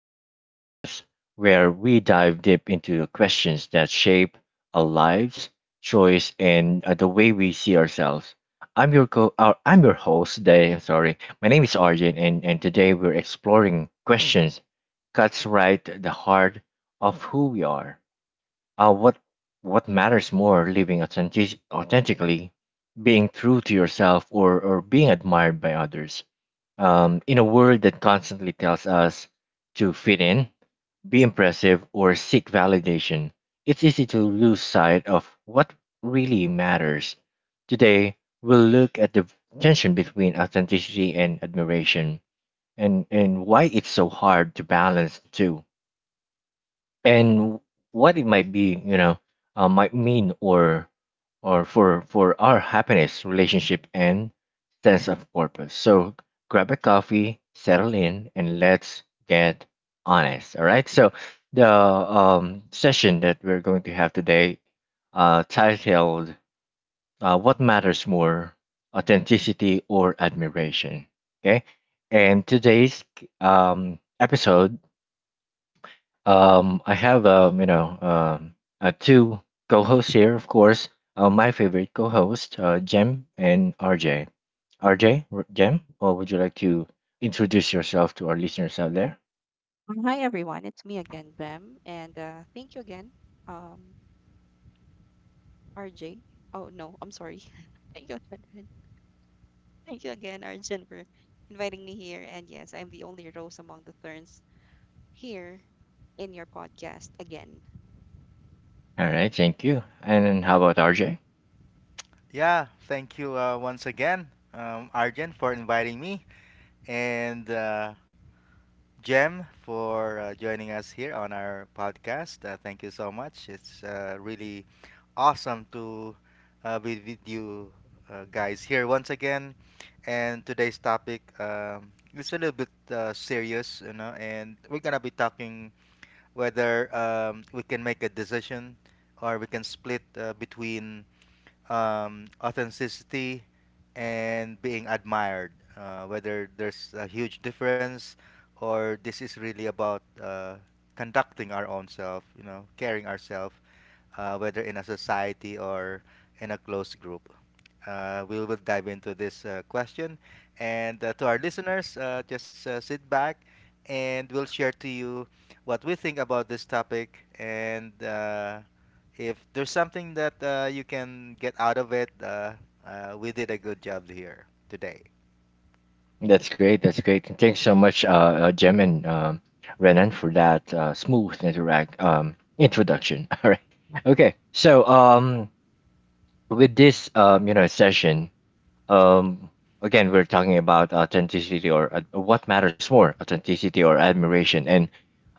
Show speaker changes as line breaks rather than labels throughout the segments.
to the podcast where we dive deep into the questions that shape our lives, choice, and the way we see ourselves. I'm your co. I'm your host today. Sorry, my name is Arjun, and today we're exploring questions cuts right at the heart of who we are. Uh, what what matters more, living authentically, being true to yourself, or being admired by others? In a world that constantly tells us to fit in, be impressive, or seek validation, it's easy to lose sight of what really matters. Today, we'll look at the tension between authenticity and admiration and why it's so hard to balance the two, and what it might be you know might mean or for our happiness, relationship, and sense of purpose. So grab a coffee, settle in, and let's get honest. All right, so the session that we're going to have today, titled, what matters more, authenticity or admiration? Okay, and today's episode, I have two co-hosts here, of course. My favorite co-host, Jem and RJ. Jem, or would you like to introduce yourself to our listeners out there?
Hi everyone, it's me again, Bem, and thank you again, um, RJ. Oh no, I'm sorry. thank you, again- Ren- thank you again, Arjun, for inviting me here. And yes, I'm the only rose among the thorns here in your podcast again.
All right, thank you. And then how about RJ?
Yeah, thank you once again, Arjen, for inviting me, and Jem for joining us here on our podcast. Thank you so much. It's really awesome to be with you guys here once again. And today's topic is a little bit serious, you know, and we're gonna be talking whether we can make a decision or we can split between authenticity and being admired. Whether there's a huge difference or this is really about conducting our own self, you know, caring ourselves whether in a society or in a closed group. We will dive into this question. And to our listeners, just sit back and we'll share to you what we think about this topic. And If there's something that you can get out of it, we did a good job here today.
That's great. That's great. And thanks so much, Jem, and Renan, for that smooth interact introduction. All right. Okay. So with this session, Um, again, we're talking about what matters more, authenticity or admiration. And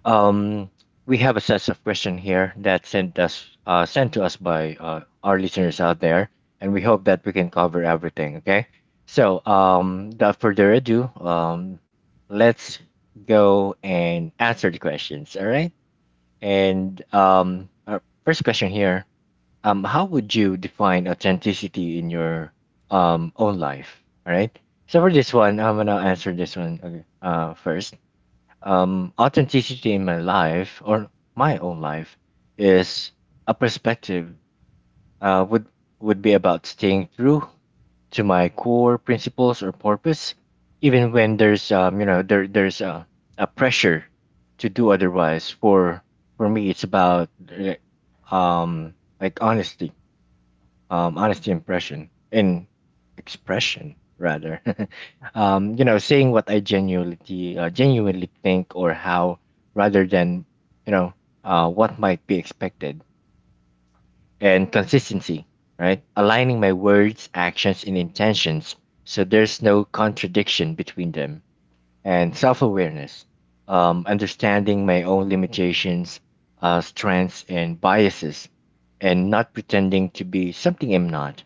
um, we have a set of questions here that sent to us by our listeners out there, and we hope that we can cover everything. Okay, so without further ado, let's go and answer the questions. All right, and our first question here, how would you define authenticity in your own life? All right. So for this one, I'm gonna answer this one, okay, first. Authenticity in my life or my own life is a perspective. Uh, would would be about staying true to my core principles or purpose, even when there's there's a pressure to do otherwise. For me, it's about uh, um like honesty, honesty impression in expression rather. Saying what I genuinely think, or how, rather than, you know, what might be expected. And consistency, right? Aligning my words, actions, and intentions, so there's no contradiction between them. And self awareness, understanding my own limitations, strengths, and biases, and not pretending to be something I'm not.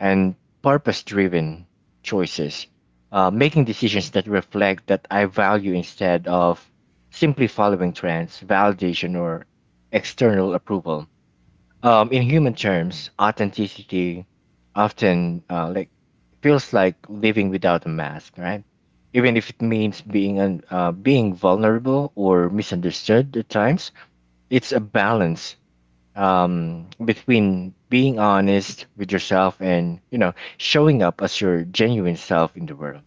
And purpose driven choices, making decisions that reflect that I value instead of simply following trends, validation, or external approval. In human terms, authenticity often like feels like living without a mask, right? Even if it means being vulnerable or misunderstood at times. It's a balance between being honest with yourself and, you know, showing up as your genuine self in the world.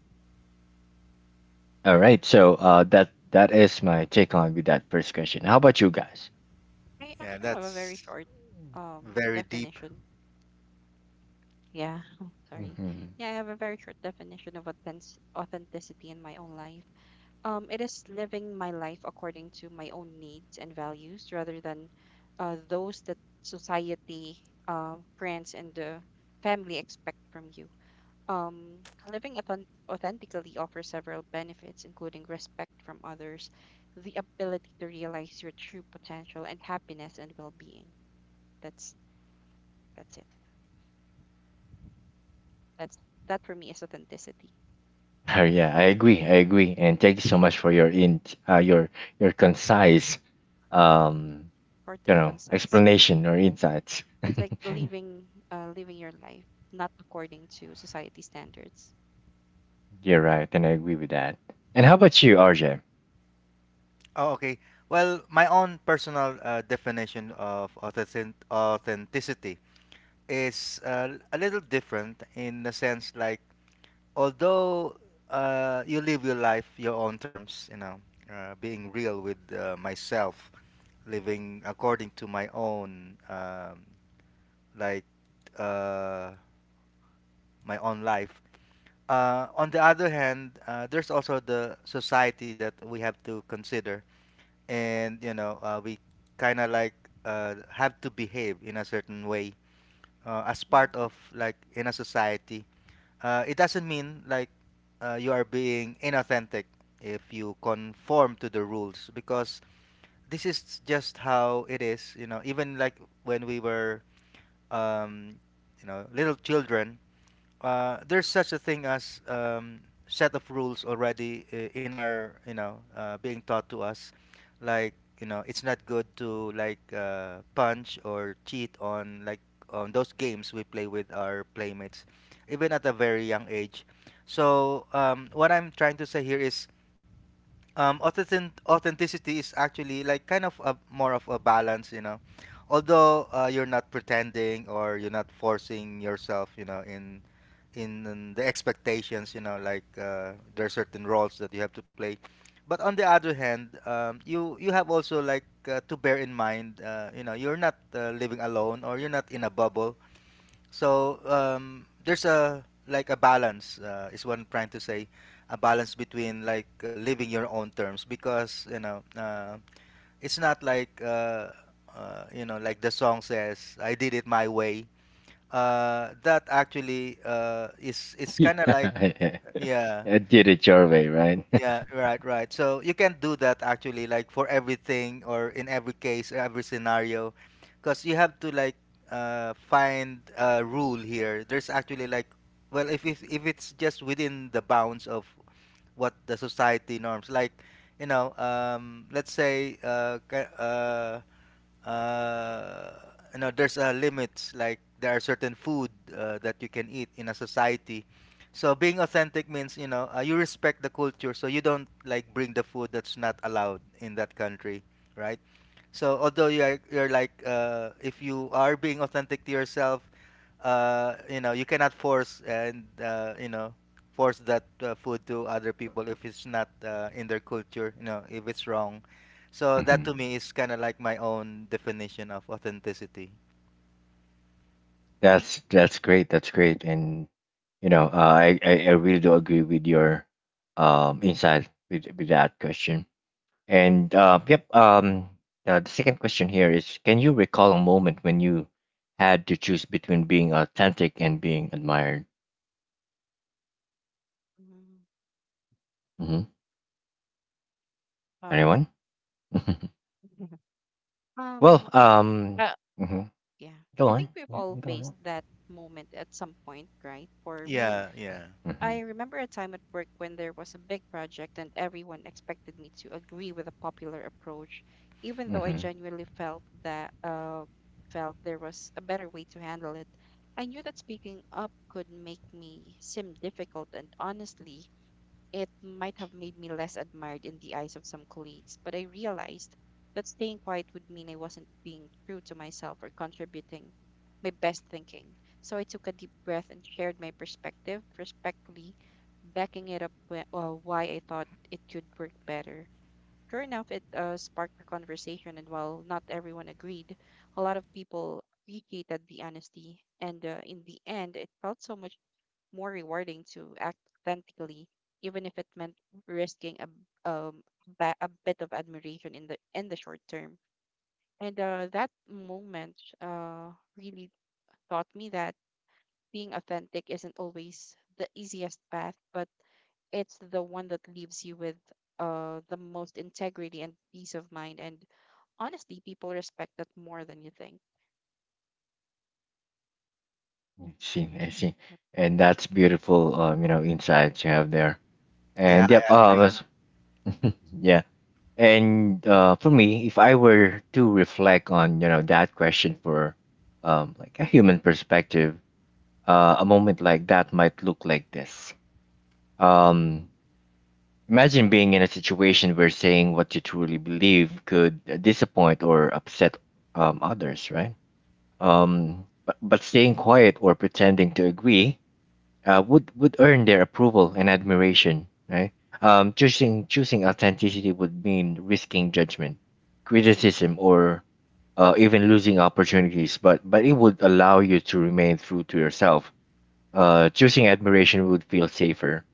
All right, so that is my take on with that first question. How about you guys?
I
Yeah,
actually have a very
that's
short
very deep.
definition. Yeah, sorry.
Mhm.
Yeah, I have a very short definition of authenticity in my own life. It is living my life according to my own needs and values rather than those that society, friends, and the family expect from you. Um, Living authentically offers several benefits, including respect from others, the ability to realize your true potential, and happiness and well-being. That's that's it. That's that for me is authenticity,
Oh, yeah, I agree. I agree. And thank you so much for your in your your concise um
short and concise, right?
explanation or insights.
It's like living living your life not according to society standards.
You're right, and I agree with that. And how about you, RJ?
Oh, okay. Well, my own personal definition of authenticity is a little different in the sense like although you live your life your own terms, you know, being real with myself, living according to my own like uh, my own life. On the other hand, there's also the society that we have to consider, and you know, we kind of like have to behave in a certain way as
Mhm,
part of like in a society. It doesn't mean like you are being inauthentic if you conform to the rules because this is just how it is. You know, even like when we were, um, you know, little children, there's such a thing as set of rules already in our, you know, being taught to us like, you know, it's not good to like punch or cheat on like on those games we play with our playmates even at a very young age. So what I'm trying to say here is authenticity is actually like kind of a more of a balance, you know, although you're not pretending or you're not forcing yourself, you know, in the expectations, you know, like there are certain roles that you have to play, but on the other hand, you have also like to bear in mind, you know, you're not living alone or you're not in a bubble. So there's a like a balance is what I'm trying to say, a balance between like living your own terms, because you know it's not like you know, like the song says, I did it my way. That actually is it's
Yeah,
kind of like yeah.
I did it your way, right?
Yeah, right, right. So you can do that actually, like for everything or in every case, every scenario, because you have to like find a rule here. There's actually like, well, if it's just within the bounds of what the society norms, like, you know, let's say, uh, you know, there's a limits. Like there are certain food that you can eat in a society. So being authentic means, you know, you respect the culture, so you don't like bring the food that's not allowed in that country, right? So although you are, you're like if you are being authentic to yourself, you know you cannot force and you know force that food to other people if it's not in their culture. You know, if it's wrong. So that
Hmm.
to me is kind of like my own definition of authenticity.
That's great. That's great. And you know, I really do agree with your insight with that question. And the second question here is, can you recall a moment when you had to choose between being authentic and being admired?
mhm.
Hmm.
um
Anyone? well,
I think
um,
uh
mhm.
yeah,
Go
I
on.
think we've
Yeah,
all
go on.
faced that moment at some point, right? For me,
Yeah, yeah.
Mm-hmm.
I remember a time at work when there was a big project and everyone expected me to agree with a popular approach, even though I
Mm-hmm.
genuinely felt there was a better way to handle it. I knew that speaking up could make me seem difficult, and honestly it might have made me less admired in the eyes of some colleagues, but I realized that staying quiet would mean I wasn't being true to myself or contributing my best thinking. So I took a deep breath and shared my perspective, respectfully backing it up why I thought it could work better. Sure enough, it sparked a conversation, and while not everyone agreed, a lot of people appreciated the honesty. And in the end, it felt so much more rewarding to act authentically, even if it meant risking um, a bit of admiration in the short term. And that moment uh, really taught me that being authentic isn't always the easiest path, but it's the one that leaves you with the most integrity and peace of mind. And honestly, people respect that more than you think.
See, I see.
Yep.
And that's beautiful, insights you have there.
Yeah,
And yep,
I agree.
yeah. And for me, if I were to reflect on, you know, that question for like a human perspective, a moment like that might look like this. Um, Imagine being in a situation where saying what you truly believe could disappoint or upset others, right? But staying quiet or pretending to agree would earn their approval and admiration, right? Choosing authenticity would mean risking judgment, criticism, or even losing opportunities. But it would allow you to remain true to yourself. Choosing admiration would feel safer,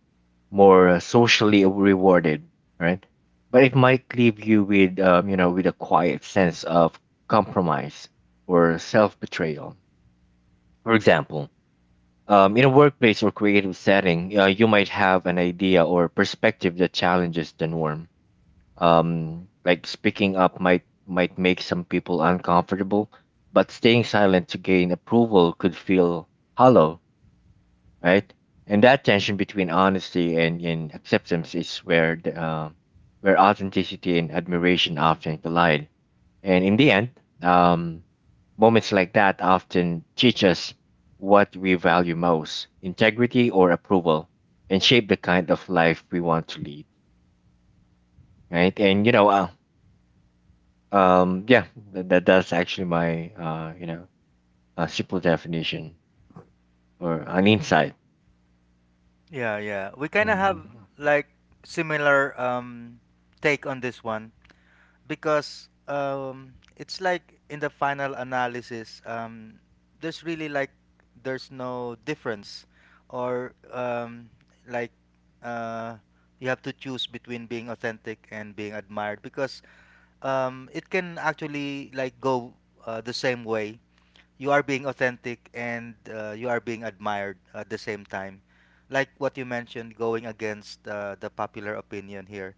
more socially rewarded, right? But it might leave you with, with a quiet sense of compromise or self betrayal. For example, in a workplace or creative setting, you might have an idea or perspective that challenges the norm. Speaking up might make some people uncomfortable, but staying silent to gain approval could feel hollow, right? And that tension between honesty and acceptance is where the, where authenticity and admiration often collide. And in the end, um, moments like that often teach us what we value most: integrity or approval, and shape the kind of life we want to lead, right? And um, yeah, that that's actually my, a simple definition or an insight.
Yeah, yeah. We kind of have
Mhm.
like similar take on this one, because it's like in the final analysis, there's really like there's no difference or like uh you have to choose between being authentic and being admired, because it can actually like go the same way. You are being authentic and you are being admired at the same time. Like what you mentioned, going against the popular opinion here.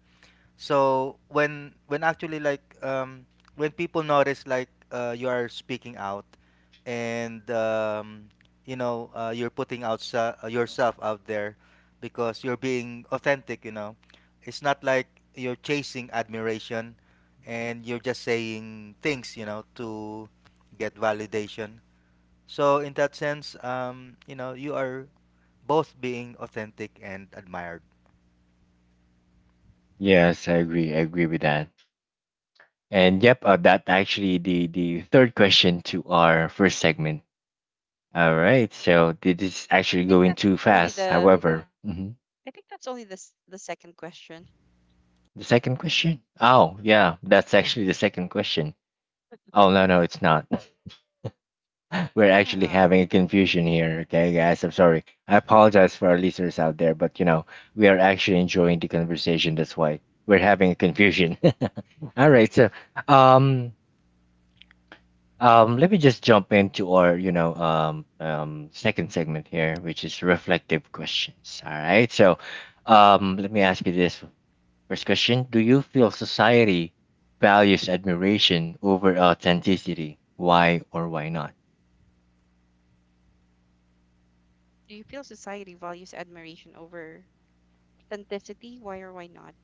So when actually like when people notice like you are speaking out, and you know you're putting out yourself out there because you're being authentic, you know, it's not like you're chasing admiration and you're just saying things, you know, to get validation. So in that sense, you know, you are both being authentic and admired.
Yes, I agree. I agree with that. And
I
yep, that actually the third question to our first segment. All right, so this is actually
think
going
that's
too
only
fast.
the.
However, hmm,
I think that's only the second question.
the second question. Oh yeah, that's actually the second question. Oh no no, it's not. We're actually
Yeah.
having a confusion here. Okay, guys, I'm sorry. I apologize for our listeners out there, but you know we are actually enjoying the conversation. That's why we're having a confusion. All right, so um, let me just jump into our, second segment here, which is reflective questions. All right. So, let me ask you this first question: do you feel society values admiration over authenticity? Why or why not?
Do you feel society values admiration over authenticity? Why or why not?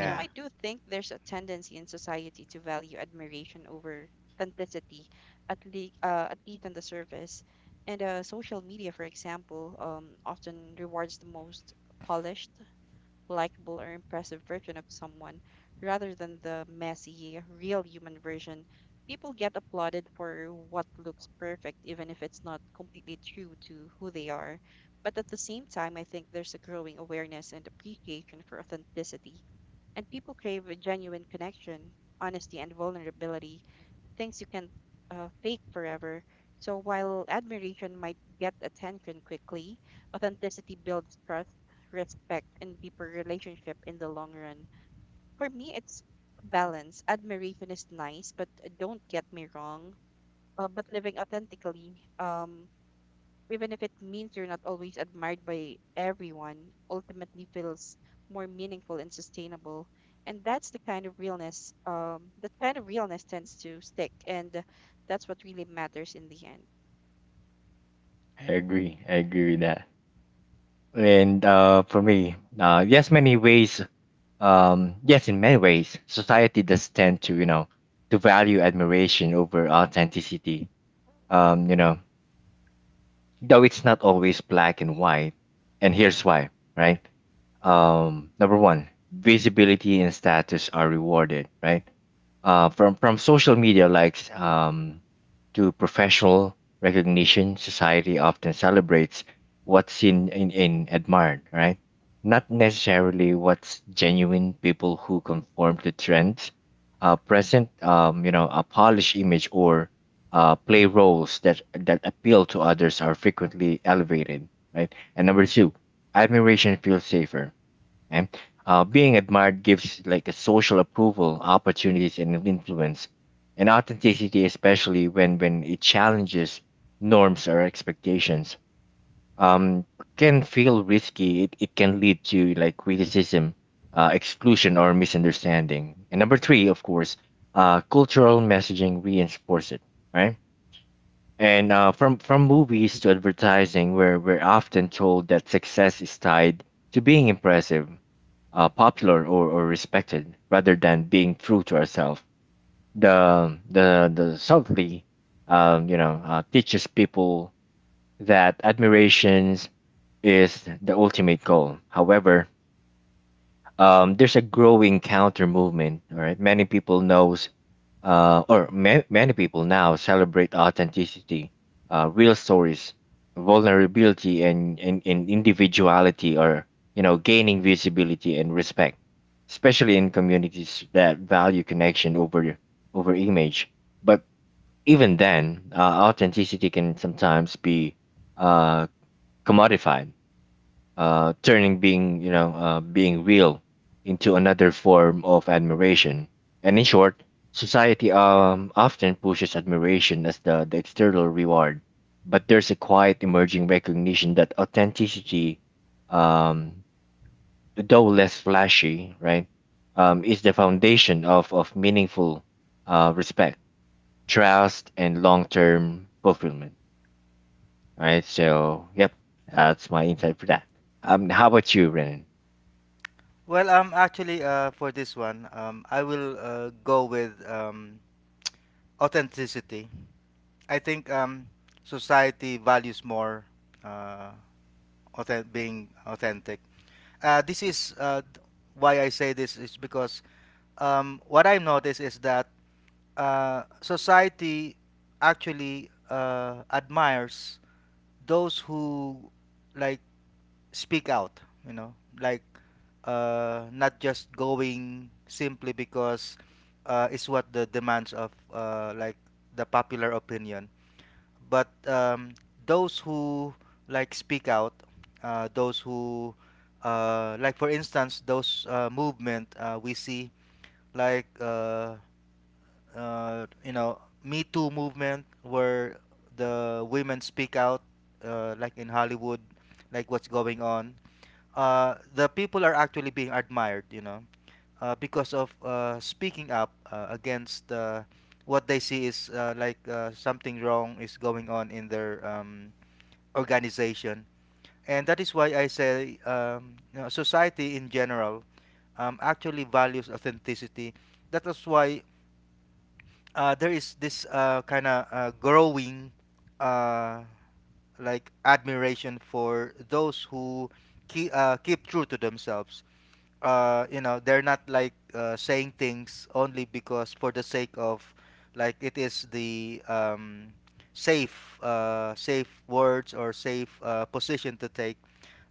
You know, I do think there's a tendency in society to value admiration over authenticity, at least on the surface. And social media, for example, often rewards the most polished, likable, or impressive version of someone rather than the messy, real human version. People get applauded for what looks perfect, even if it's not completely true to who they are. But at the same time, I think there's a growing awareness and appreciation for authenticity, and people crave a genuine connection, honesty, and vulnerability, things you can't fake forever. So while admiration might get attention quickly, authenticity builds trust, respect, and deeper relationship in the long run. For me, it's balance. Admiration is nice, but don't get me wrong. But living authentically, even if it means you're not always admired by everyone, ultimately feels more meaningful and sustainable. And that's the kind of realness, that kind of realness tends to stick, and that's what really matters in the end.
I agree. I agree with that. And for me, yes, many ways. Yes, in many ways, society does tend to, you know, to value admiration over authenticity. Um, you know though it's not always black and white. And here's why, right? Number one, visibility and status are rewarded, right? From social media likes to professional recognition, society often celebrates what's seen in admired, right? Not necessarily what's genuine. People who conform to trends, present, a polished image or play roles that that appeal to others are frequently elevated, right? And number two, admiration feels safer. Okay? Being admired gives like a social approval, opportunities, and an influence. And authenticity, especially when it challenges norms or expectations, um, can feel risky. It can lead to like criticism, exclusion, or misunderstanding. And number three, of course, cultural messaging reinforces it, right? And from movies to advertising, where we're often told that success is tied to being impressive, popular, or respected, rather than being true to ourselves. The subtly, teaches people that admirations is the ultimate goal. However, there's a growing counter movement. All right, many people knows, many people now celebrate authenticity, real stories, vulnerability, and individuality are, you know, gaining visibility and respect, especially in communities that value connection over image. But even then, authenticity can sometimes be uh, commodified, turning being you know being real into another form of admiration. And in short, society often pushes admiration as the external reward, but there's a quiet emerging recognition that authenticity, um, though less flashy, right, is the foundation of meaningful respect, trust, and long term fulfillment. Right. So yep, that's my insight for that. How about you, Renan?
Well, actually, for this one, I will go with authenticity. I think society values more uh, being authentic. This is why I say this is because what I notice is that society actually admires those who like speak out, you know, like not just going simply because it's what the demands of like the popular opinion, but those who like speak out, those who like, for instance, those movement we see like you know, Me Too movement, where the women speak out, like in Hollywood, like what's going on. The people are actually being admired, you know, because of speaking up against what they see is something wrong is going on in their organization. And that is why I say, you know, society in general actually values authenticity. That is why there is this kind of growing uh, like admiration for those who keep, keep true to themselves. You know, they're not like saying things only because for the sake of like it is the safe safe words or safe position to take.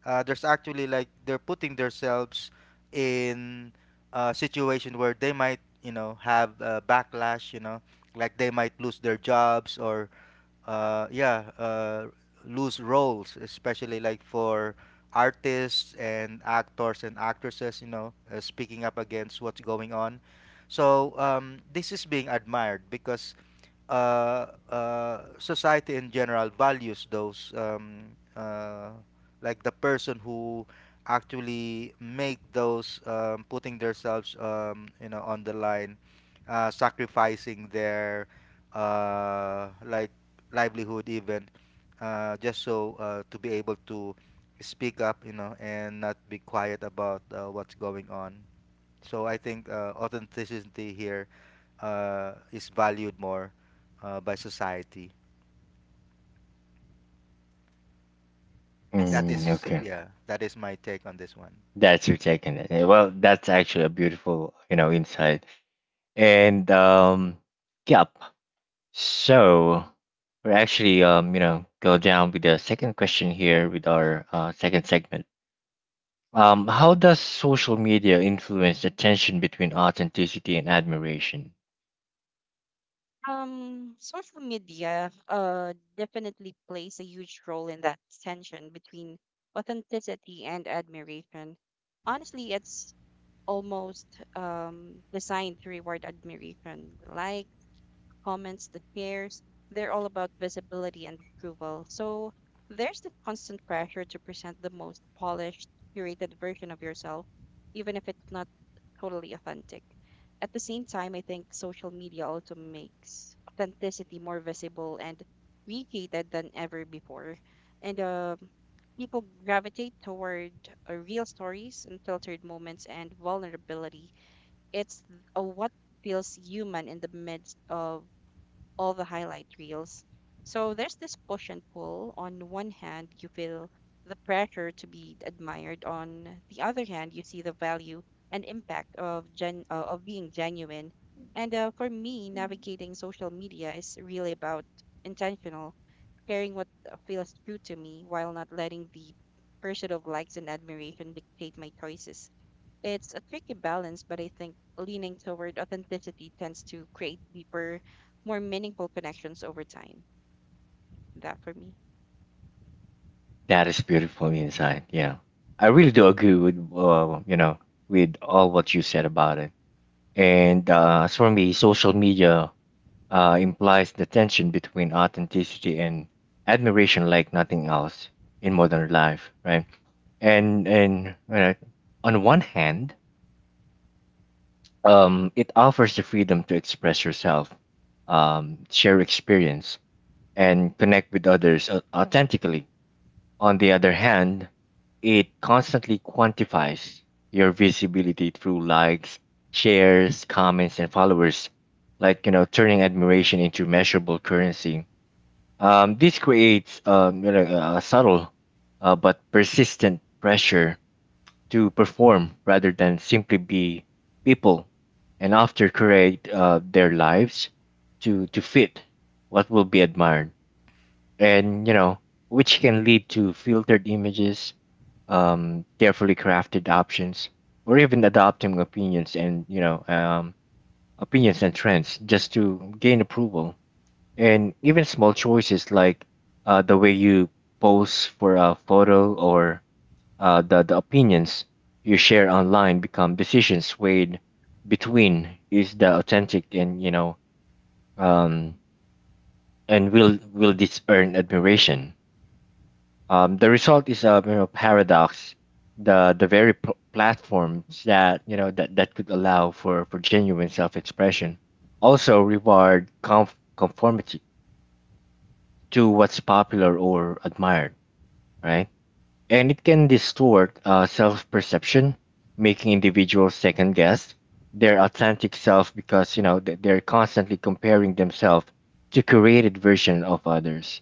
There's actually like they're putting themselves in a situation where they might, you know, have a backlash, you know, like they might lose their jobs or uh, yeah uh, lose roles, especially like for artists and actors and actresses, you know, speaking up against what's going on. So this is being admired because society in general values those uh, like the person who actually make those, putting themselves, you know, on the line, sacrificing their uh, like livelihood even, just so to be able to speak up, you know, and not be quiet about what's going on. So I think authenticity here is valued more by society.
As
That
Mm,
is,
okay,
yeah, that is my take on this one.
that's your take on it. Eh, well, that's actually a beautiful, you know, insight. And yep. So we're actually, go down with the second question here with our second segment. How does social media influence the tension between authenticity and admiration?
Social media definitely plays a huge role in that tension between authenticity and admiration. Honestly, it's almost designed to reward admiration, like comments, the shares, they're all about visibility and approval. So there's the constant pressure to present the most polished, curated version of yourself, even if it's not totally authentic. At the same time, I think social media also makes authenticity more visible and appreciated than ever before. And people gravitate toward real stories, unfiltered moments, and vulnerability. What feels human in the midst of all the highlight reels. So there's this push and pull. On one hand, you feel the pressure to be admired. On the other hand, you see the value and impact of gen of being genuine. And for me, navigating social media is really about intentional, sharing what feels true to me while not letting the pursuit of likes and admiration dictate my choices. It's a tricky balance, but I think leaning toward authenticity tends to create deeper, more meaningful connections over time. That for me.
That is beautiful insight. Yeah, I really do agree with, with all what you said about it. And as for me, social media implies the tension between authenticity and admiration like nothing else in modern life, right? And on one hand, it offers the freedom to express yourself, share experience, and connect with others authentically. On the other hand, it constantly quantifies your visibility through likes, shares, comments, and followers, turning admiration into measurable currency. This creates a subtle but persistent pressure to perform rather than simply be people, and after create their lives to fit what will be admired, and which can lead to filtered images, carefully crafted options, or even adopting opinions and you know opinions and trends just to gain approval. And even small choices like the way you pose for a photo or the opinions you share online become decisions weighed between is the authentic and you know um, and will this earn admiration? The result is a, paradox. The very platforms that you know that, that could allow for genuine self expression also reward conformity to what's popular or admired, right? And it can distort self perception, making individuals second guess their authentic self, because they're constantly comparing themselves to curated version of others.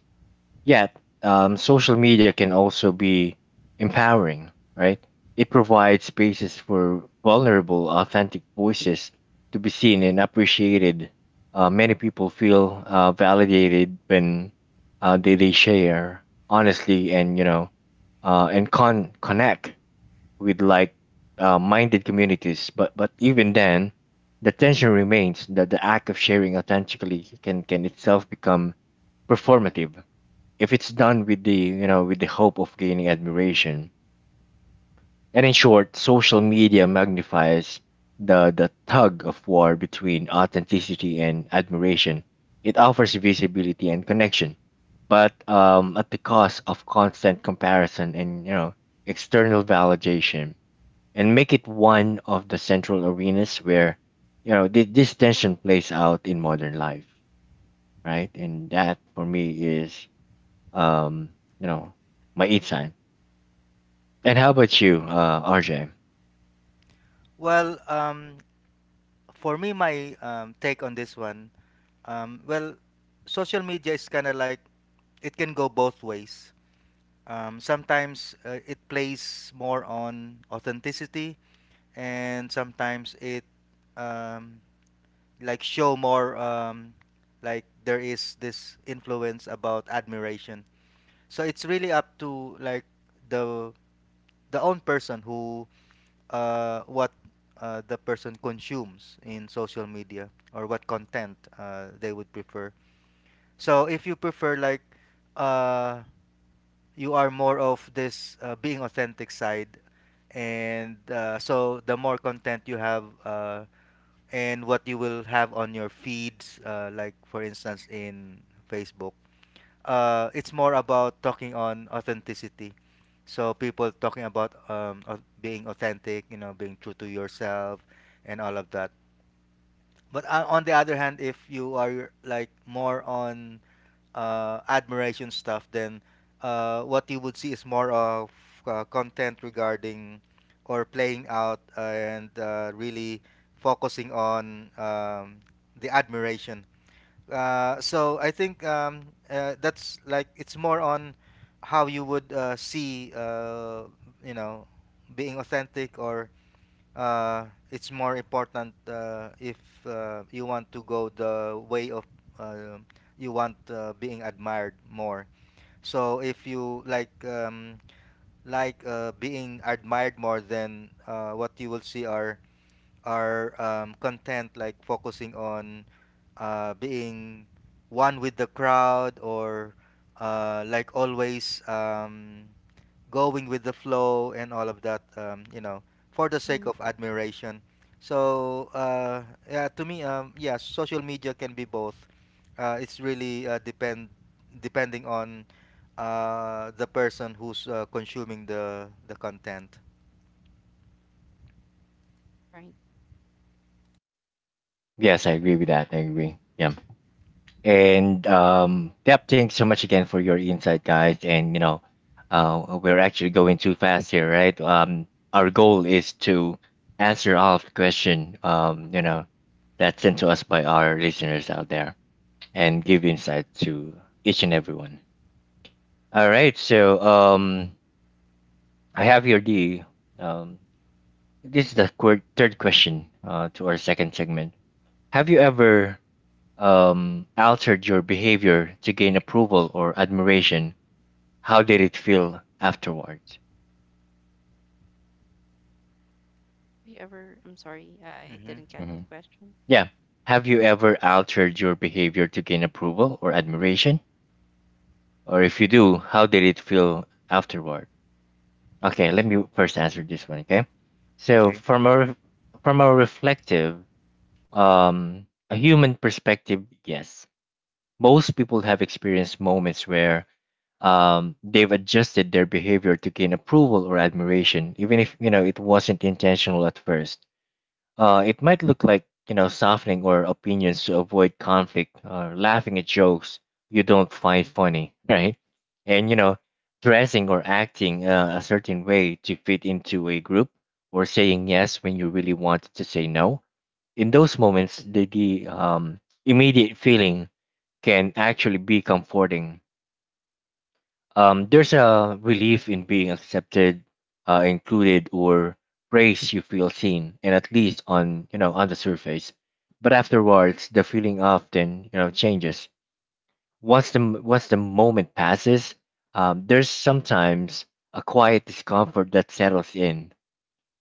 Yet, social media can also be empowering, right? It provides spaces for vulnerable, authentic voices to be seen and appreciated. Many people feel validated when they share honestly, and connect with like minded communities. But even then, the tension remains that the act of sharing authentically can itself become performative if it's done with the, with the hope of gaining admiration. And in short, social media magnifies the tug of war between authenticity and admiration. It offers visibility and connection, but at the cost of constant comparison and, external validation, and make it one of the central arenas where this tension plays out in modern life, right? And that for me is, um, you know, my each time. And how about you, RJ?
Well, for me, my take on this one, well, social media is kind of like it can go both ways. Sometimes it plays more on authenticity, and sometimes it um, like show more like there is this influence about admiration. So it's really up to like the the own person who what the person consumes in social media, or what content they would prefer. So if you prefer like uh you are more of this being authentic side, and so the more content you have and what you will have on your feeds, like for instance in Facebook. It's more about talking on authenticity. So people talking about being authentic, you know, being true to yourself and all of that. But on the other hand, if you are like more on admiration stuff, then what you would see is more of content regarding or playing out and really focusing on the admiration. So I think that's like it's more on how you would see, you know, being authentic or it's more important if you want to go the way of uh, you want being admired more. So if you like being admired more, then what you will see are content like focusing on being one with the crowd, or like always going with the flow and all of that, you know, for the sake
hmm
of admiration. So, yeah, to me, yeah, social media can be both. It's really depending on the person who's consuming the content.
Right.
Yes, I agree with that. I agree. Yeah. And yep, thanks so much again for your insight, guys. And we're actually going too fast here, right? Our goal is to answer all of the question, that's sent to us by our listeners out there, and give insight to each and everyone. All right, so I have here the um, this is the third question to our second segment. Have you ever altered your behavior to gain approval or admiration? How did it feel afterwards?
Do you ever, I'm sorry, I
Hmm.
didn't catch
Mhm.
the question.
Yeah. Have you ever altered your behavior to gain approval or admiration? Or if you do, how did it feel afterward? Okay, let me first answer this one. Okay. So
Okay.
from a from a reflective, a human perspective, yes. Most people have experienced moments where they've adjusted their behavior to gain approval or admiration, even if it wasn't intentional at first. It might look like, softening or opinions to avoid conflict, or laughing at jokes you don't find funny, right? And dressing or acting a certain way to fit into a group, or saying yes when you really wanted to say no. In those moments, the immediate feeling can actually be comforting. There's a relief in being accepted, included, or praised. You feel seen, and at least on, on the surface. But afterwards, the feeling often, changes. Once the moment passes, there's sometimes a quiet discomfort that settles in.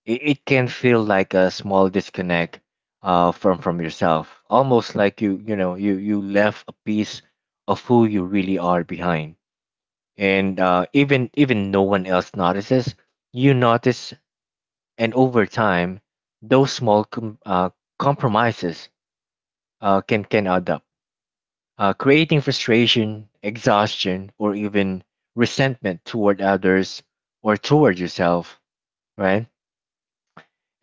It it, can feel like a small disconnect from yourself, almost like you left a piece of who you really are behind, and even no one else notices. You notice, and over time, those small compromises can add up, creating frustration, exhaustion, or even resentment toward others or toward yourself, right?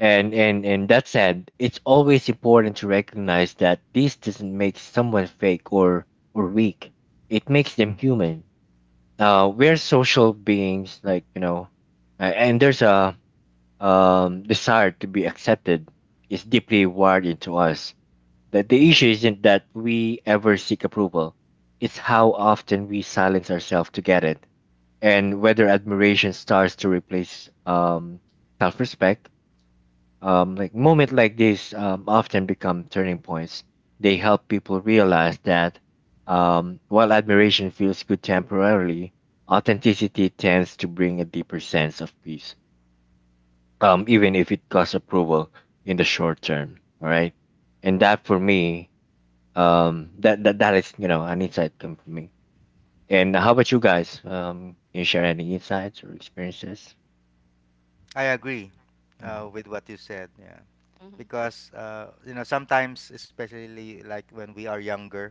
And that said, it's always important to recognize that this doesn't make someone fake or weak. It makes them human. We're social beings, like, and there's a desire to be accepted, is deeply wired into us. That the issue isn't that we ever seek approval; it's how often we silence ourselves to get it, and whether admiration starts to replace self-respect. Like moment like this often become turning points. They help people realize that while admiration feels good temporarily, authenticity tends to bring a deeper sense of peace, even if it costs approval in the short term. All right, and that for me, that that is, an insight come from me. And how about you guys? Can you share any insights or experiences?
I agree
Mhm.
with what you said. Yeah,
hmm
because you know sometimes, especially like when we are younger,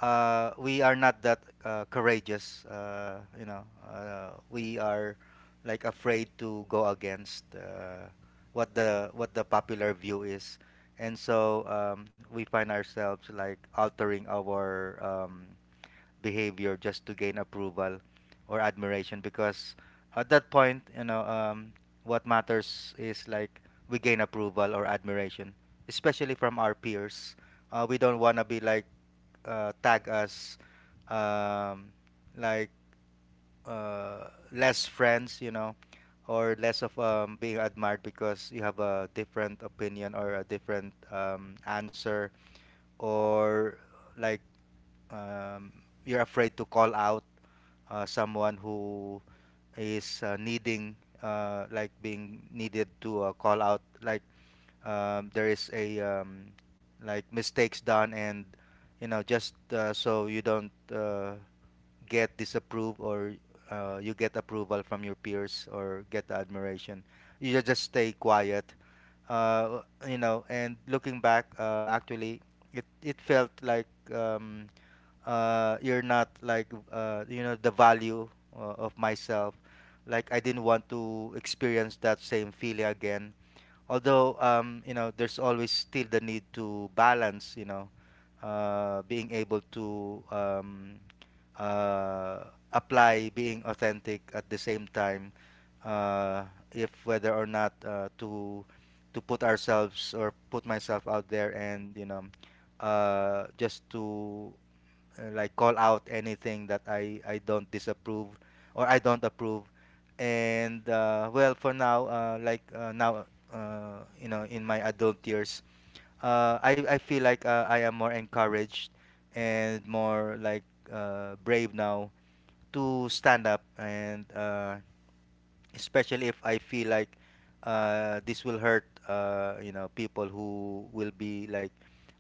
we are not that courageous. You know, we are like afraid to go against what the popular view is, and so we find ourselves like altering our behavior just to gain approval or admiration because at that point, you know, what matters is like we gain approval or admiration, especially from our peers. We don't want to be like tag us um, like less friends, you know, or less of being admired because you have a different opinion or a different answer, or like um, you're afraid to call out someone who is needing, like being needed to call out, there is a like mistakes done, and you know just so you don't get disapproved, or you get approval from your peers or get admiration. You just stay quiet, uh, you know. And looking back, actually, it felt like um, you're not like you know the value of myself. Like I didn't want to experience that same feeling again, although you know there's always still the need to balance, you know, being able to uh, apply being authentic at the same time, uh, if whether or not to put ourselves or put myself out there, and you know just to like call out anything that I don't disapprove or I don't approve. And well, for now, now, you know, in my adult years, I feel like I am more encouraged and more like brave now to stand up, and especially if I feel like this will hurt, you know, people who will be like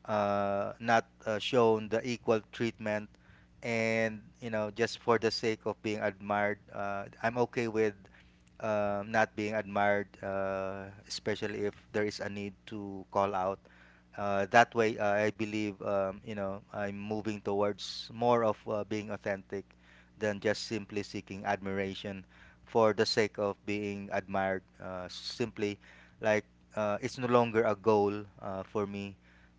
not shown the equal treatment, and you know, just for the sake of being admired, I'm okay with not being admired, especially if there is a need to call out. That way, I believe you know I'm moving towards more of being authentic than just simply seeking admiration for the sake of being admired. Simply, like it's no longer a goal for me,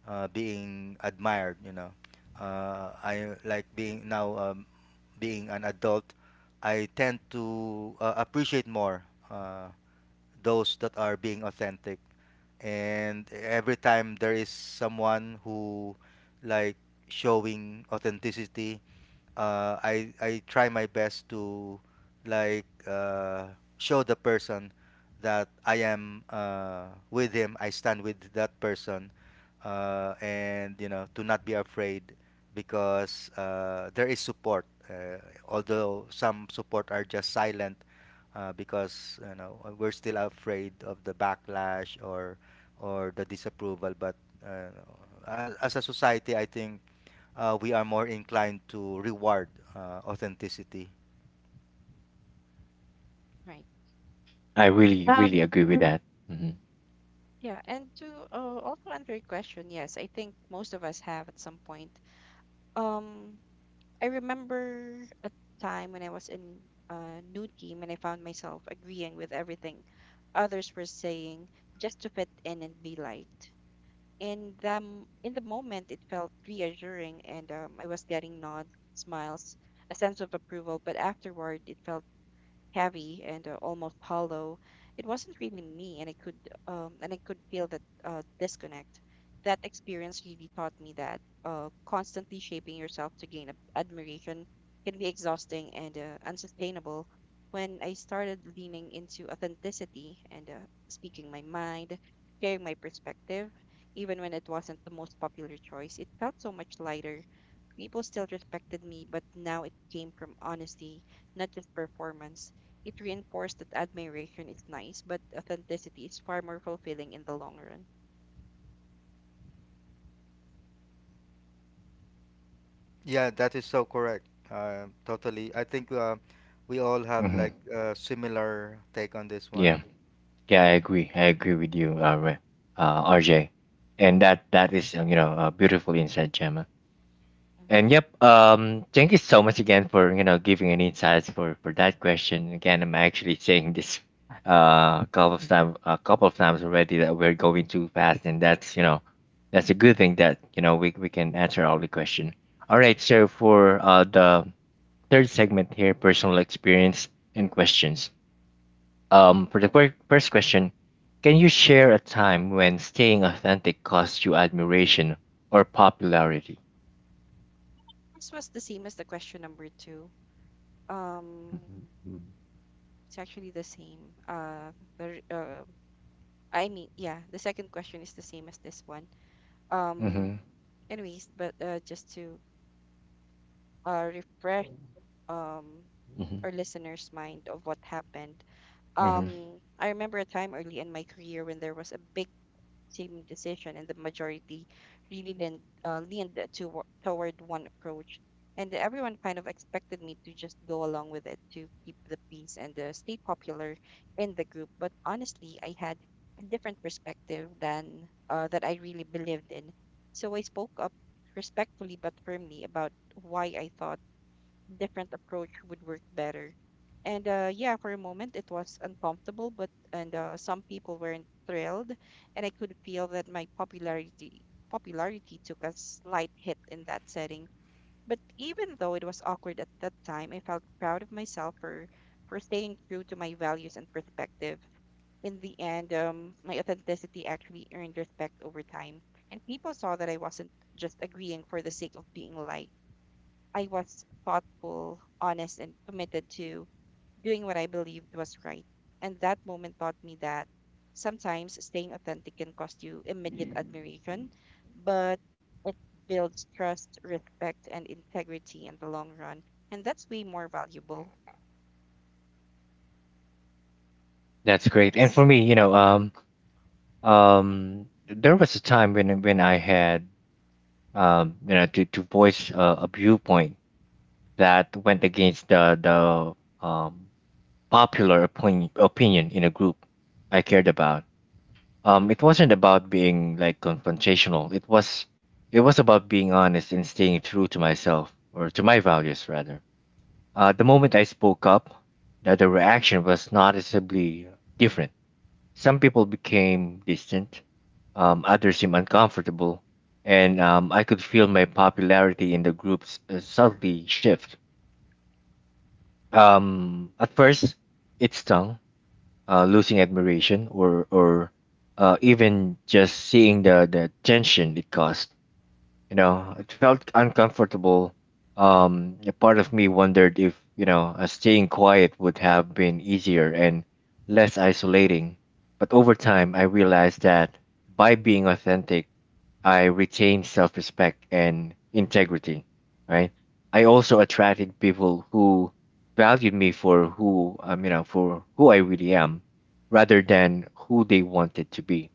being admired. You know, I like being now, being an adult. I tend to appreciate more uh, those that are being authentic. And every time there is someone who like showing authenticity, I try my best to like uh, show the person that I am with him. I stand with that person, and you know, to not be afraid because there is support. Although some support are just silent because you know we're still afraid of the backlash, or the disapproval. But uh, as a society, I think we are more inclined to reward authenticity.
Right.
I really, really
Um,
agree with that. Hmm.
yeah, and to also answer your question, yes, I think most of us have at some point. Um, I remember a time when I was in a new team and I found myself agreeing with everything others were saying just to fit in and be liked. In the moment it felt reassuring and I was getting nods, smiles, a sense of approval, but afterward it felt heavy and almost hollow. It wasn't really me, and I could feel that disconnect. That experience really taught me that constantly shaping yourself to gain admiration can be exhausting and unsustainable. When I started leaning into authenticity and speaking my mind, sharing my perspective, even when it wasn't the most popular choice, it felt so much lighter. People still respected me, but now it came from honesty, not just performance. It reinforced that admiration is nice, but authenticity is far more fulfilling in the long run.
Yeah, that is so correct. Totally. I think we all have
Hmm.
like a similar take on this one.
Yeah. Yeah, I agree. I agree with you, uh, RJ, and that that is, a beautiful insight, Gemma. And
Mhm.
yep, thank you so much again for, giving an insights for that question. Again, I'm actually saying this couple of times already that we're going too fast, and that's, that's a good thing that you know we can answer all the question. All right, so for the third segment here, personal experience and questions. For the first question, can you share a time when staying authentic caused you admiration or popularity?
This was the same as the question number two. Um, it's actually the same. I mean, yeah, the second question is the same as this one. Um,
Mm-hmm.
Anyways, but just to refresh um
Hmm.
our listeners' mind of what happened.
Hmm.
I remember a time early in my career when there was a big team decision and the majority really leaned toward one approach, and everyone kind of expected me to just go along with it to keep the peace and stay popular in the group, but honestly I had a different perspective than that I really believed in. So I spoke up respectfully but firmly about why I thought different approach would work better. And yeah, for a moment it was uncomfortable, but and some people weren't thrilled, and I could feel that my popularity took a slight hit in that setting. But even though it was awkward at that time, I felt proud of myself for staying true to my values and perspective. In the end, my authenticity actually earned respect over time, and people saw that I wasn't just agreeing for the sake of being liked. I was thoughtful, honest, and committed to doing what I believed was right. And that moment taught me that sometimes staying authentic can cost you immediate admiration, but it builds trust, respect, and integrity in the long run. And that's way more valuable.
That's great. And for
Yes.
me, there was a time when I had, to voice a viewpoint that went against the popular opinion in a group I cared about. It wasn't about being like confrontational, it was about being honest and staying true to myself, or to my values rather. The moment I spoke up, that the reaction was noticeably different. Some people became distant, others seemed uncomfortable, and I could feel my popularity in the groups subtly shift. At first it stung, losing admiration or even just seeing the tension it caused. You know, it felt uncomfortable. A part of me wondered if staying quiet would have been easier and less isolating. But over time, I realized that by being authentic I retain self respect and integrity, right? I also attracted people who valued me for who, for who I really am rather than who they wanted to be.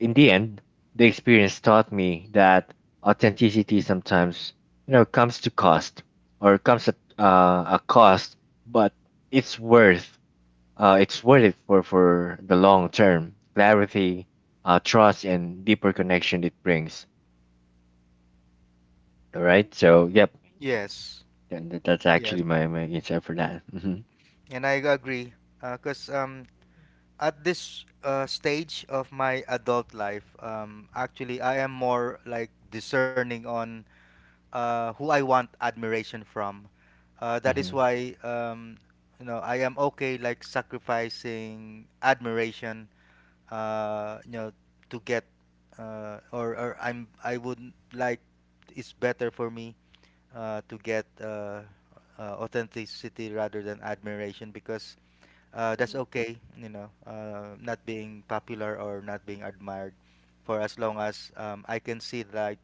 In the end, the experience taught me that authenticity sometimes, comes to cost or comes at a cost, but it's worth it's worth it for the long term clarity, trust, and deeper connection it brings. All right. So, yep.
Right.
Yes,
And that's
yes.
actually my insight for that. Hmm.
And I agree. Because at this stage of my adult life, actually, I am more like discerning on who I want admiration from. That is
Hmm.
why you know I am okay like sacrificing admiration. You know, to get or I'm I would like it's better for me to get authenticity rather than admiration because that's
hmm
okay. You know, not being popular or not being admired for as long as I can see like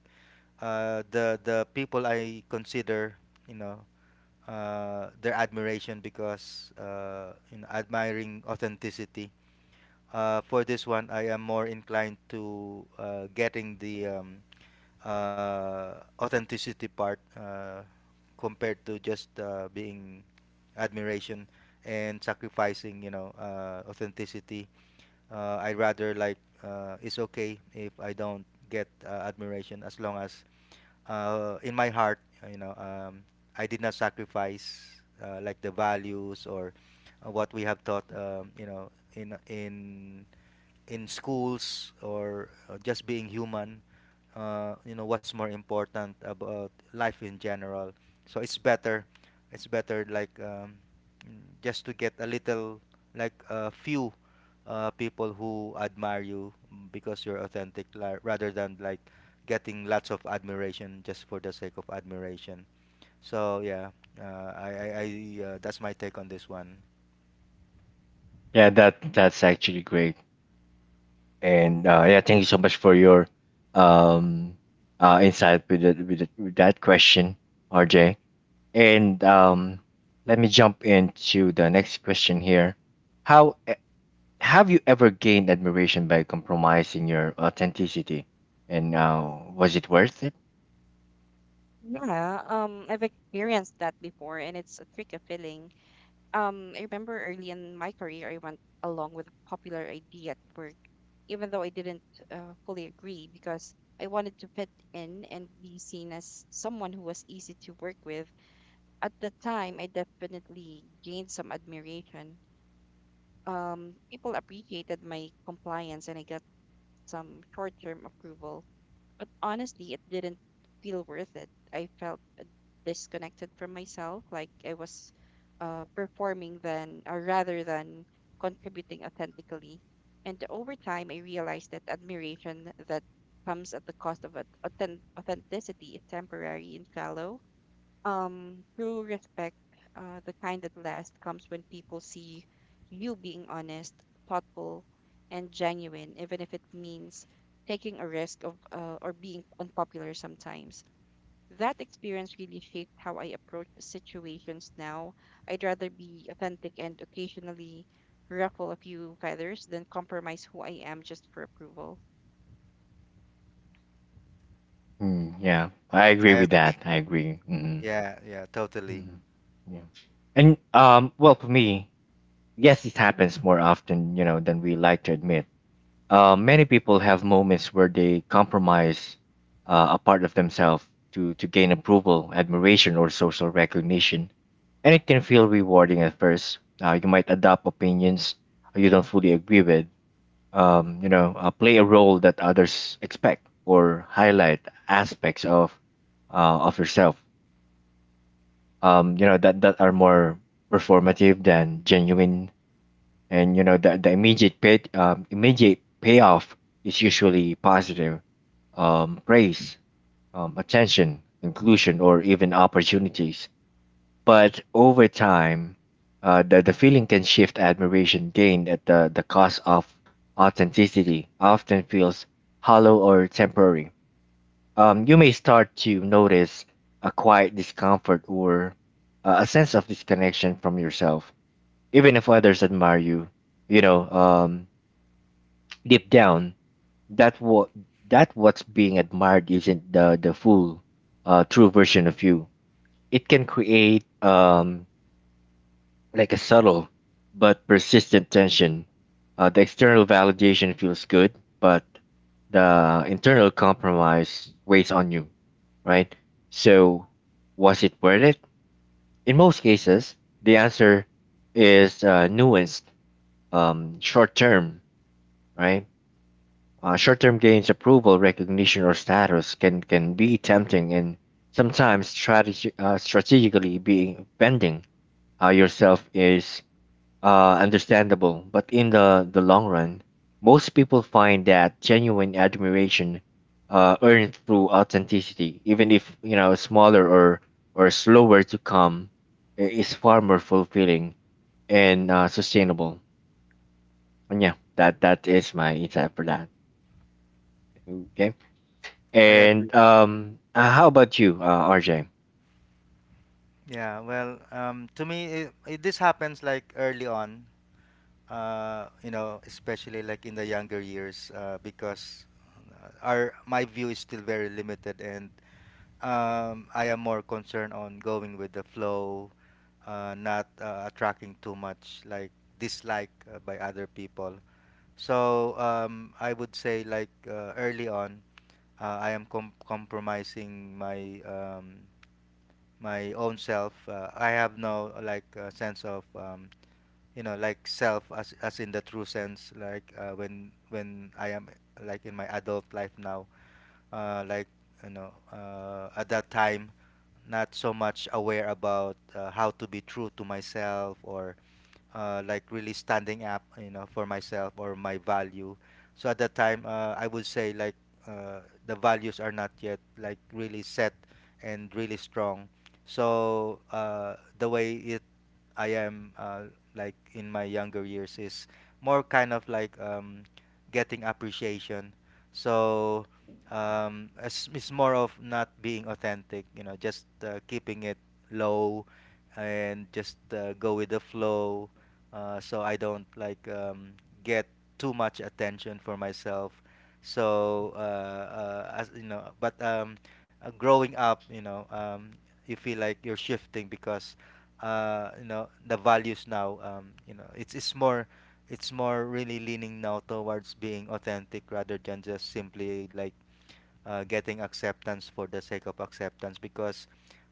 the people I consider, you know, their admiration because you know, admiring authenticity. For this one, I am more inclined to getting the authenticity part compared to just being admiration and sacrificing, you know, authenticity. I rather like it's okay if I don't get admiration as long as in my heart, you know, I did not sacrifice like the values, or what we have taught, you know, in in schools, or just being human, you know what's more important about life in general. So it's better like just to get a little like a few people who admire you because you're authentic, rather than like getting lots of admiration just for the sake of admiration. So yeah, uh, I I, I that's my take on this one.
Yeah, that that's actually great. And yeah, thank you so much for your um insight with that question, RJ. And let me jump into the next question here. How have you ever gained admiration by compromising your authenticity? And was it worth it?
Yeah. I've experienced that before, and it's a tricky feeling. I remember early in my career, I went along with a popular idea at work, even though I didn't fully agree because I wanted to fit in and be seen as someone who was easy to work with. At the time, I definitely gained some admiration. People appreciated my compliance and I got some short term approval. But honestly, it didn't feel worth it. I felt disconnected from myself, like I was performing then, or rather than contributing authentically. And over time, I realized that admiration that comes at the cost of authenticity is temporary and shallow. True respect, the kind that lasts, comes when people see you being honest, thoughtful, and genuine, even if it means taking a risk of or being unpopular sometimes. That experience really shaped how I approach situations now. I'd rather be authentic and occasionally ruffle a few feathers than compromise who I am just for approval.
Mm, yeah, I
That's
agree
my
I
with
take.
agree.
that. I agree. Mm-hmm.
Yeah, yeah, totally.
Mm, yeah. And well, for me, yes, it happens more often, you know, than we like to admit. Many people have moments where they compromise a part of themselves to gain approval, admiration, or social recognition, and it can feel rewarding at first. You might adopt opinions you don't fully agree with, play a role that others expect, or highlight aspects of yourself, that that are more performative than genuine, and you know that the immediate payoff is usually positive, praise, attention, inclusion, or even opportunities. But over time, the feeling can shift. Admiration gained at the cost of authenticity often feels hollow or temporary. You may start to notice a quiet discomfort or a sense of disconnection from yourself, even if others admire you. You know, deep down, that what that what's being admired isn't the full, true version of you. It can create like a subtle but persistent tension. The external validation feels good, but the internal compromise weighs on you, right? So, was it worth it? In most cases, the answer is nuanced, short term, right? Short term gains, approval, recognition, or status can be tempting and sometimes strategically being bending yourself is understandable, but in the long run, most people find that genuine admiration earned through authenticity, even if, smaller or slower to come, is far more fulfilling and sustainable. And yeah, that that is my insight for that. Okay,
I agree.
and how about you, RJ?
Yeah, well, to me, this happens like early on, you know, especially like in the younger years, because our my view is still very limited, and I am more concerned on going with the flow, not attracting too much like dislike by other people. So I would say like early on, I am compromising my my own self. I have no like sense of you know like self as in the true sense. Like when I am like in my adult life now, uh, like you know at that time, not so much aware about how to be true to myself, or like really standing up, you know, for myself or my value. So at that time, I would say like uh, the values are not yet like really set and really strong. So the way it. I am like in my younger years is more kind of like getting appreciation. So it's more of not being authentic, you know, just keeping it low and just go with the flow. So I don't like get too much attention for myself. So as you know, but growing up, you know, you feel like you're shifting because you know the values now, you know it's more really leaning now towards being authentic rather than just simply like getting acceptance for the sake of acceptance, because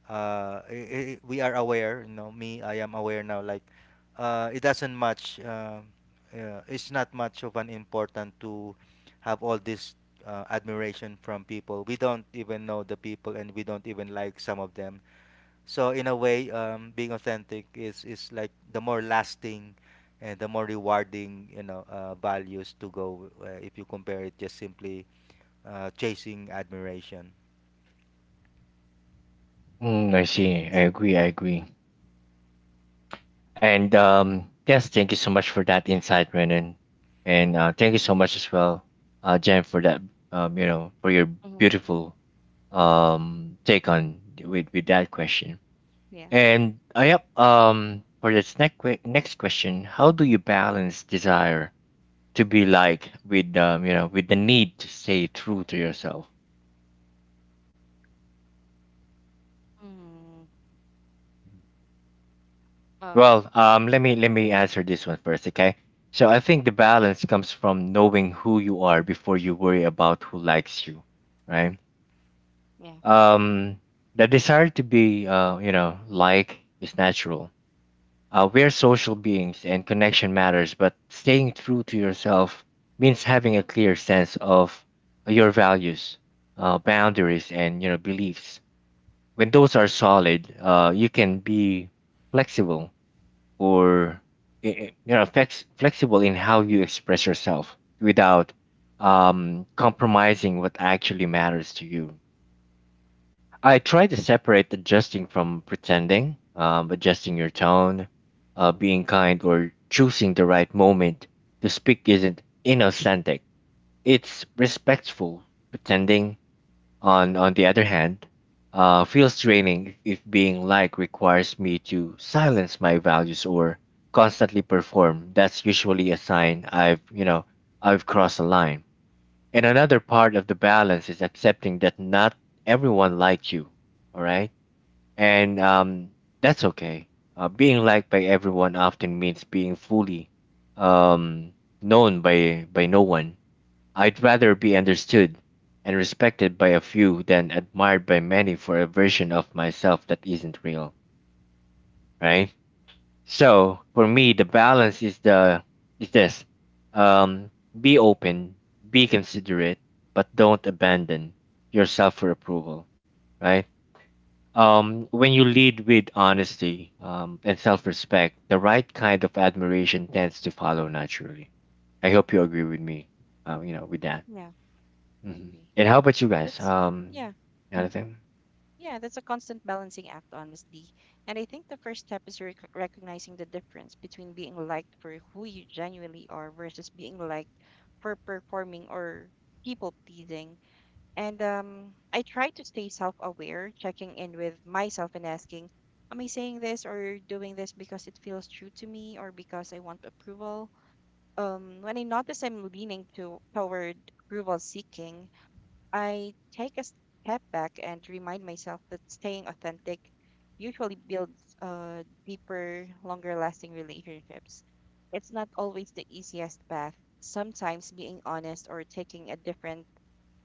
I we are aware, you know, me I am aware now like it doesn't much it's not much of an important to have all this admiration from people we don't even know the people and we don't even like some of them. So in a way, being authentic is like the more lasting and the more rewarding, you know, values to go if you compare it just simply chasing admiration.
Mm, I
Right.
see. I agree. I agree. And yes, thank you so much for that insight, Renan. And thank you so much as well, Jen, for that, for your
hmm
beautiful take on with that question.
yeah
And for this next question, how do you balance desire to be like with the need to stay true to yourself?
Mm. Oh,
Let me answer this one first, okay? So I think the balance comes from knowing who you are before you worry about who likes you, right?
yeah.
Um, the desire to be, like is natural. We're social beings, and connection matters. But staying true to yourself means having a clear sense of your values, boundaries, and you know beliefs. When those are solid, you can be flexible or flexible in how you express yourself without compromising what actually matters to you. I try to separate adjusting from pretending, adjusting your tone, being kind, or choosing the right moment to speak isn't inauthentic. It's respectful pretending on the other hand, feels draining if being liked requires me to silence my values or constantly perform. That's usually a sign I've you know I've crossed a line. And another part of the balance is accepting that not everyone likes you. All right, and that's okay. Being liked by everyone often means being fully um, known by no one. I'd rather be understood and respected by a few than admired by many for a version of myself that isn't real, right? So for me, the balance is this: um, be open, be considerate, but don't abandon yourself for approval, right? When you lead with honesty and self-respect, the right kind of admiration tends to follow naturally. I hope you agree with me, with that
Yeah, I
hmm
agree.
And how about you guys?
That's Yeah,
Anything?
yeah. That's a constant balancing act, honestly. And I think the first step is recognizing the difference between being liked for who you genuinely are versus being liked for performing or people pleasing. And I try to stay self-aware, checking in with myself and asking, "Am I saying this or doing this because it feels true to me or because I want approval?" When I notice I'm leaning to toward approval seeking, I take a step back and remind myself that staying authentic usually builds deeper, longer lasting relationships. It's not always the easiest path. Sometimes being honest or taking a different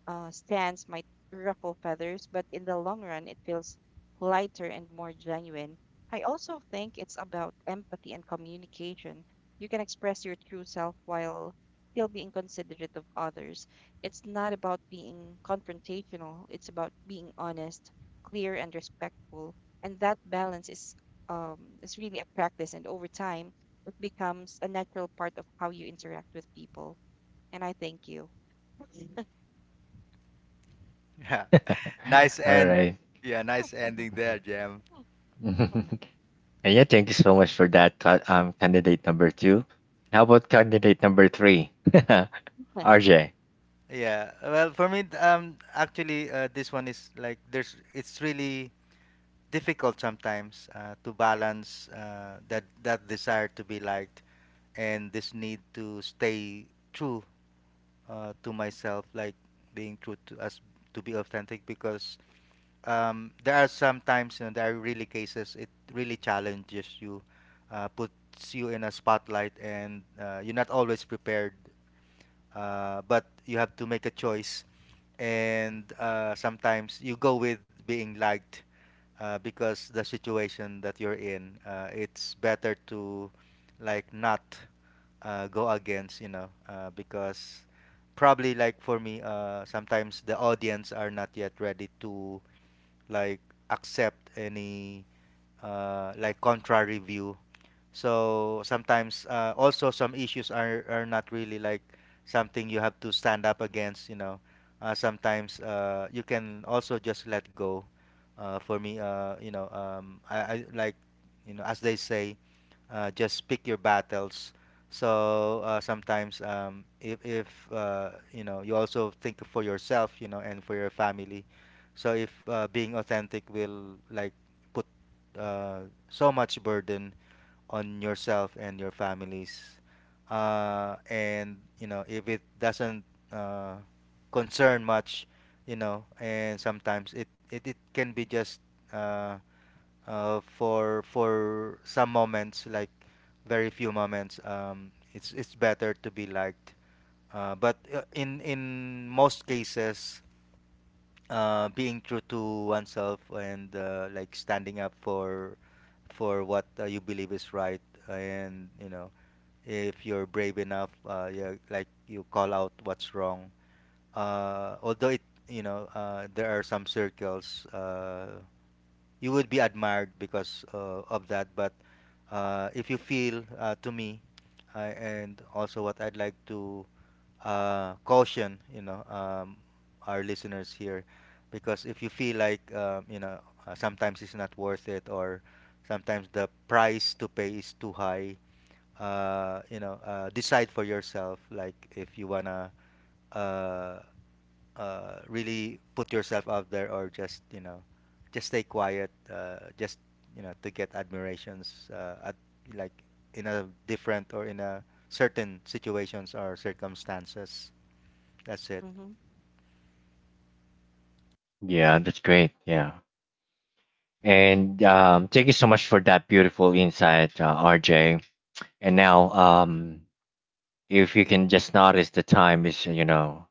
stands might ruffle feathers, but in the long run, it feels lighter and more genuine. I also think it's about empathy and communication. You can express your true self while still being considerate of others. It's not about being confrontational, it's about being honest, clear, and respectful. And that balance is really a practice, and over time, it becomes a natural part of how you interact with people. And I thank you.
Yeah, nice
All
end.
right.
Yeah, nice ending
Mhm.
there, Jam.
Mm-hmm.
And yeah, thank you so much for that. Candidate number two. How about candidate number three? RJ.
Yeah. Well, for me, actually, this one is like there's it's really difficult sometimes to balance that desire to be liked and this need to stay true to myself, like being true to us, to be authentic, because there are sometimes, you know, there are really cases it really challenges you, puts you in a spotlight, and you're not always prepared, but you have to make a choice. And sometimes you go with being liked because the situation that you're in, it's better to not go against, you know, because probably like for me sometimes the audience are not yet ready to like accept any like contrary view. So sometimes also some issues are not really like something you have to stand up against, you know. Sometimes you can also just let go. For me, you know, I like, you know, as they say, just pick your battles. So sometimes, if you know, you also think for yourself, you know, and for your family. So if being authentic will like put uh, so much burden on yourself and your families. And you know, if it doesn't uh, concern much, you know, and sometimes it can be just uh, for some moments, like very few moments. It's better to be liked. But in most cases, being true to oneself, and like standing up for what you believe is right, and you know if you're brave enough, yeah, like you call out what's wrong. Although it, you know, there are some circles you would be admired because of that, but if you feel to me and also what I'd like to caution, you know, our listeners here, because if you feel like you know, sometimes it's not worth it, or sometimes the price to pay is too high, you know, decide for yourself. Like if you wanna uh, really put yourself out there, or just you know, just stay quiet, just you know, to get admirations at like in a different or in a certain situations or circumstances. That's it.
Yeah, that's great. Yeah. And thank you so much for that beautiful insight, RJ. And now, if you can just notice the time is, you know,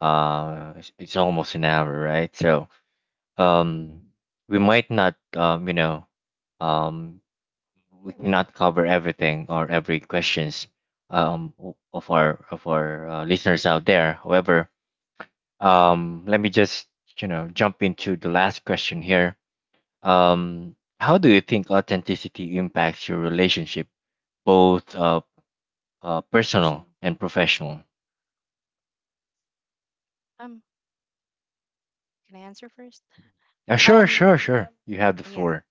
it's almost an hour, right? So, um we might not um we cannot cover everything or every questions of our listeners out there, however, let me just you know jump into the last question here. How do you think authenticity impacts your relationship, both
For sure.
personal and professional?
Um, can I answer first?
Sure,
Um,
sure, you have the
yeah.
floor.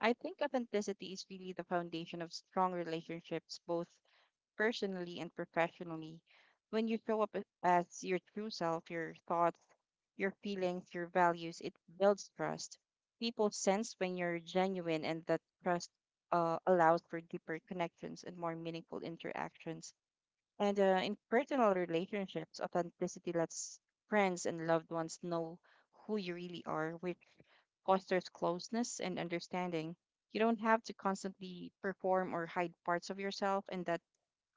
I think authenticity is really the foundation of strong relationships, both personally and professionally. When you show up as your true self, your thoughts, your feelings, your values, it builds trust. People sense when you're genuine, and that trust allows for deeper connections and more meaningful interactions. And in personal relationships, authenticity lets friends and loved ones know who you really are, which fosters closeness and understanding. You don't have to constantly perform or hide parts of yourself, and that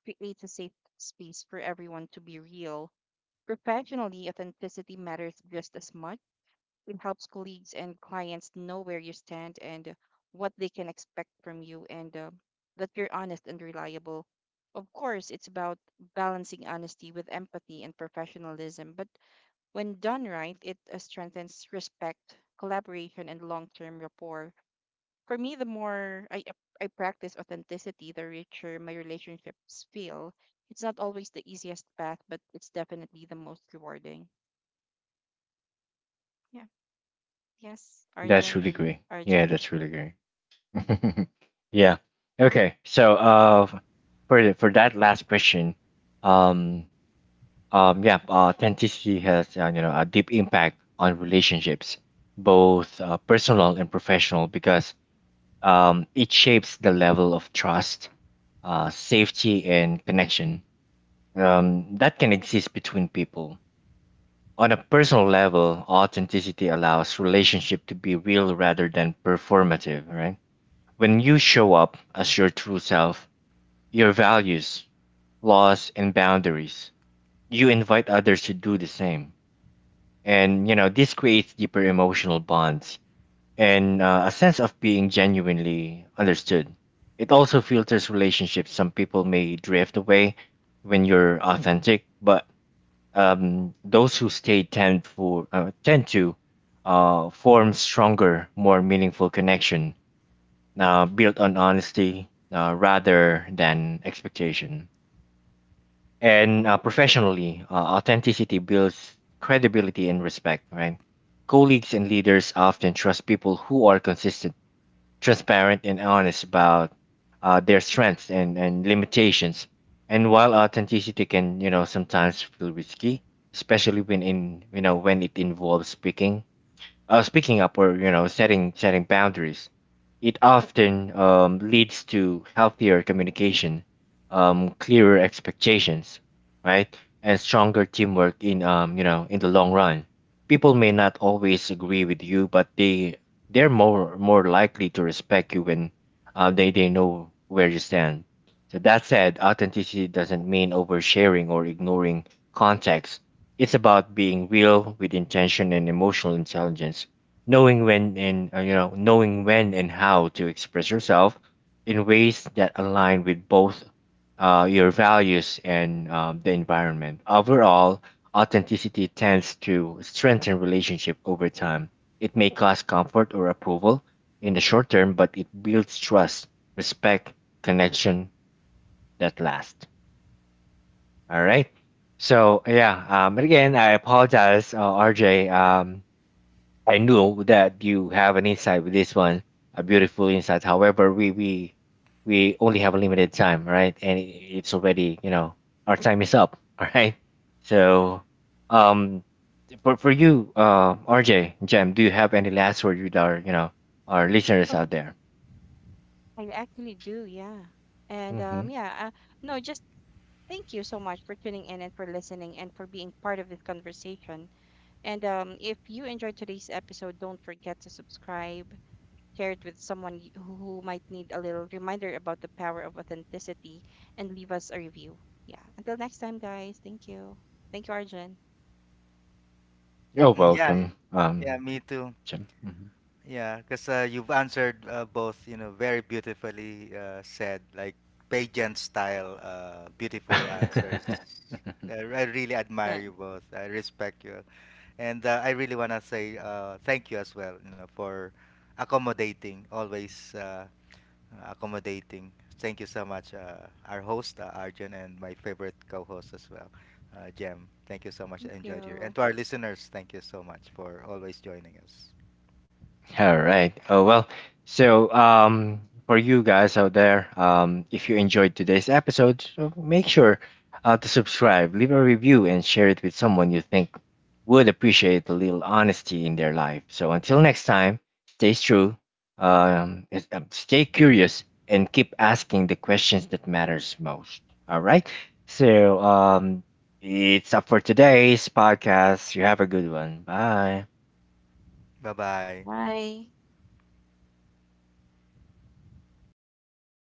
creates a safe space for everyone to be real. Professionally, authenticity matters just as much. It helps colleagues and clients know where you stand and what they can expect from you, and that you're honest and reliable. Of course, it's about balancing honesty with empathy and professionalism, but when done right, it strengthens respect, collaboration, and long term rapport. For me, I practice authenticity, the richer my relationships feel. It's not always the easiest path, but it's definitely the most rewarding. Yeah. Yes,
That's
Arjun
really
and
great. Yeah,
RJ.
that's really great. Yeah. Okay. So for for that last question, um, yeah, authenticity has a deep impact on relationships, both personal and professional, because it shapes the level of trust, safety, and connection that can exist between people. On a personal level, authenticity allows relationship to be real rather than performative, right? When you show up as your true self, your values, laws, and boundaries, you invite others to do the same. And, you know, this creates deeper emotional bonds and a sense of being genuinely understood. It also filters relationships. Some people may drift away when you're authentic, but those who stay tend to form stronger, more meaningful connection built on honesty rather than expectation. And professionally, authenticity builds credibility and respect, right? Colleagues and leaders often trust people who are consistent, transparent, and honest about their strengths and limitations. And while authenticity can, you know, sometimes feel risky, especially when in, you know, when it involves speaking up or you know setting boundaries, it often leads to healthier communication, clearer expectations, right, and stronger teamwork in in the long run. People may not always agree with you, but they they're more likely to respect you when they know where you stand. So that said, authenticity doesn't mean oversharing or ignoring context. It's about being real with intention and emotional intelligence, knowing when and knowing when and how to express yourself in ways that align with both your values and the environment. Overall, authenticity tends to strengthen relationship over time. It may cause comfort or approval in the short term, but it builds trust, respect, connection that lasts. All right. So yeah, and again, I apologize, RJ. I knew that you have an insight with this one, a beautiful insight. However, we only have a limited time, right? And it- it's already you know our time is up. All right. So um, for you, RJ, Jem, do you have any last word with our you know our listeners out there?
I actually do, yeah. And
Hmm
yeah, no, just thank you so much for tuning in and for listening and for being part of this conversation. And if you enjoyed today's episode, don't forget to subscribe, share it with who might need a little reminder about the power of authenticity, and leave us a review. Yeah. Until next time, guys. Thank you. Thank you, Arjun.
You're
Mm, yeah, yeah,
welcome,
yeah, me too.
Jem. Hmm
Yeah, because you've answered both, you know, very beautifully said, like pageant style, beautiful answers. I really admire
Uh,
you both. I respect you, and I really want to say thank you as well, you know, for accommodating always. Accommodating. Thank you so much, our host, Arjun, and my favorite co host as well, Jem. Thank you so much.
Thank
I enjoyed here. And
you.
to our listeners, thank you so much for always joining us.
All right. Oh well. So for you guys out there, if you enjoyed today's episode, so make sure to subscribe, leave a review, and share it with someone you think would appreciate a little honesty in their life. So until next time, stay true, stay curious, and keep asking the questions that matters most. All right. So it's up for today's podcast. You have a good one. Bye.
Bye bye.
Bye.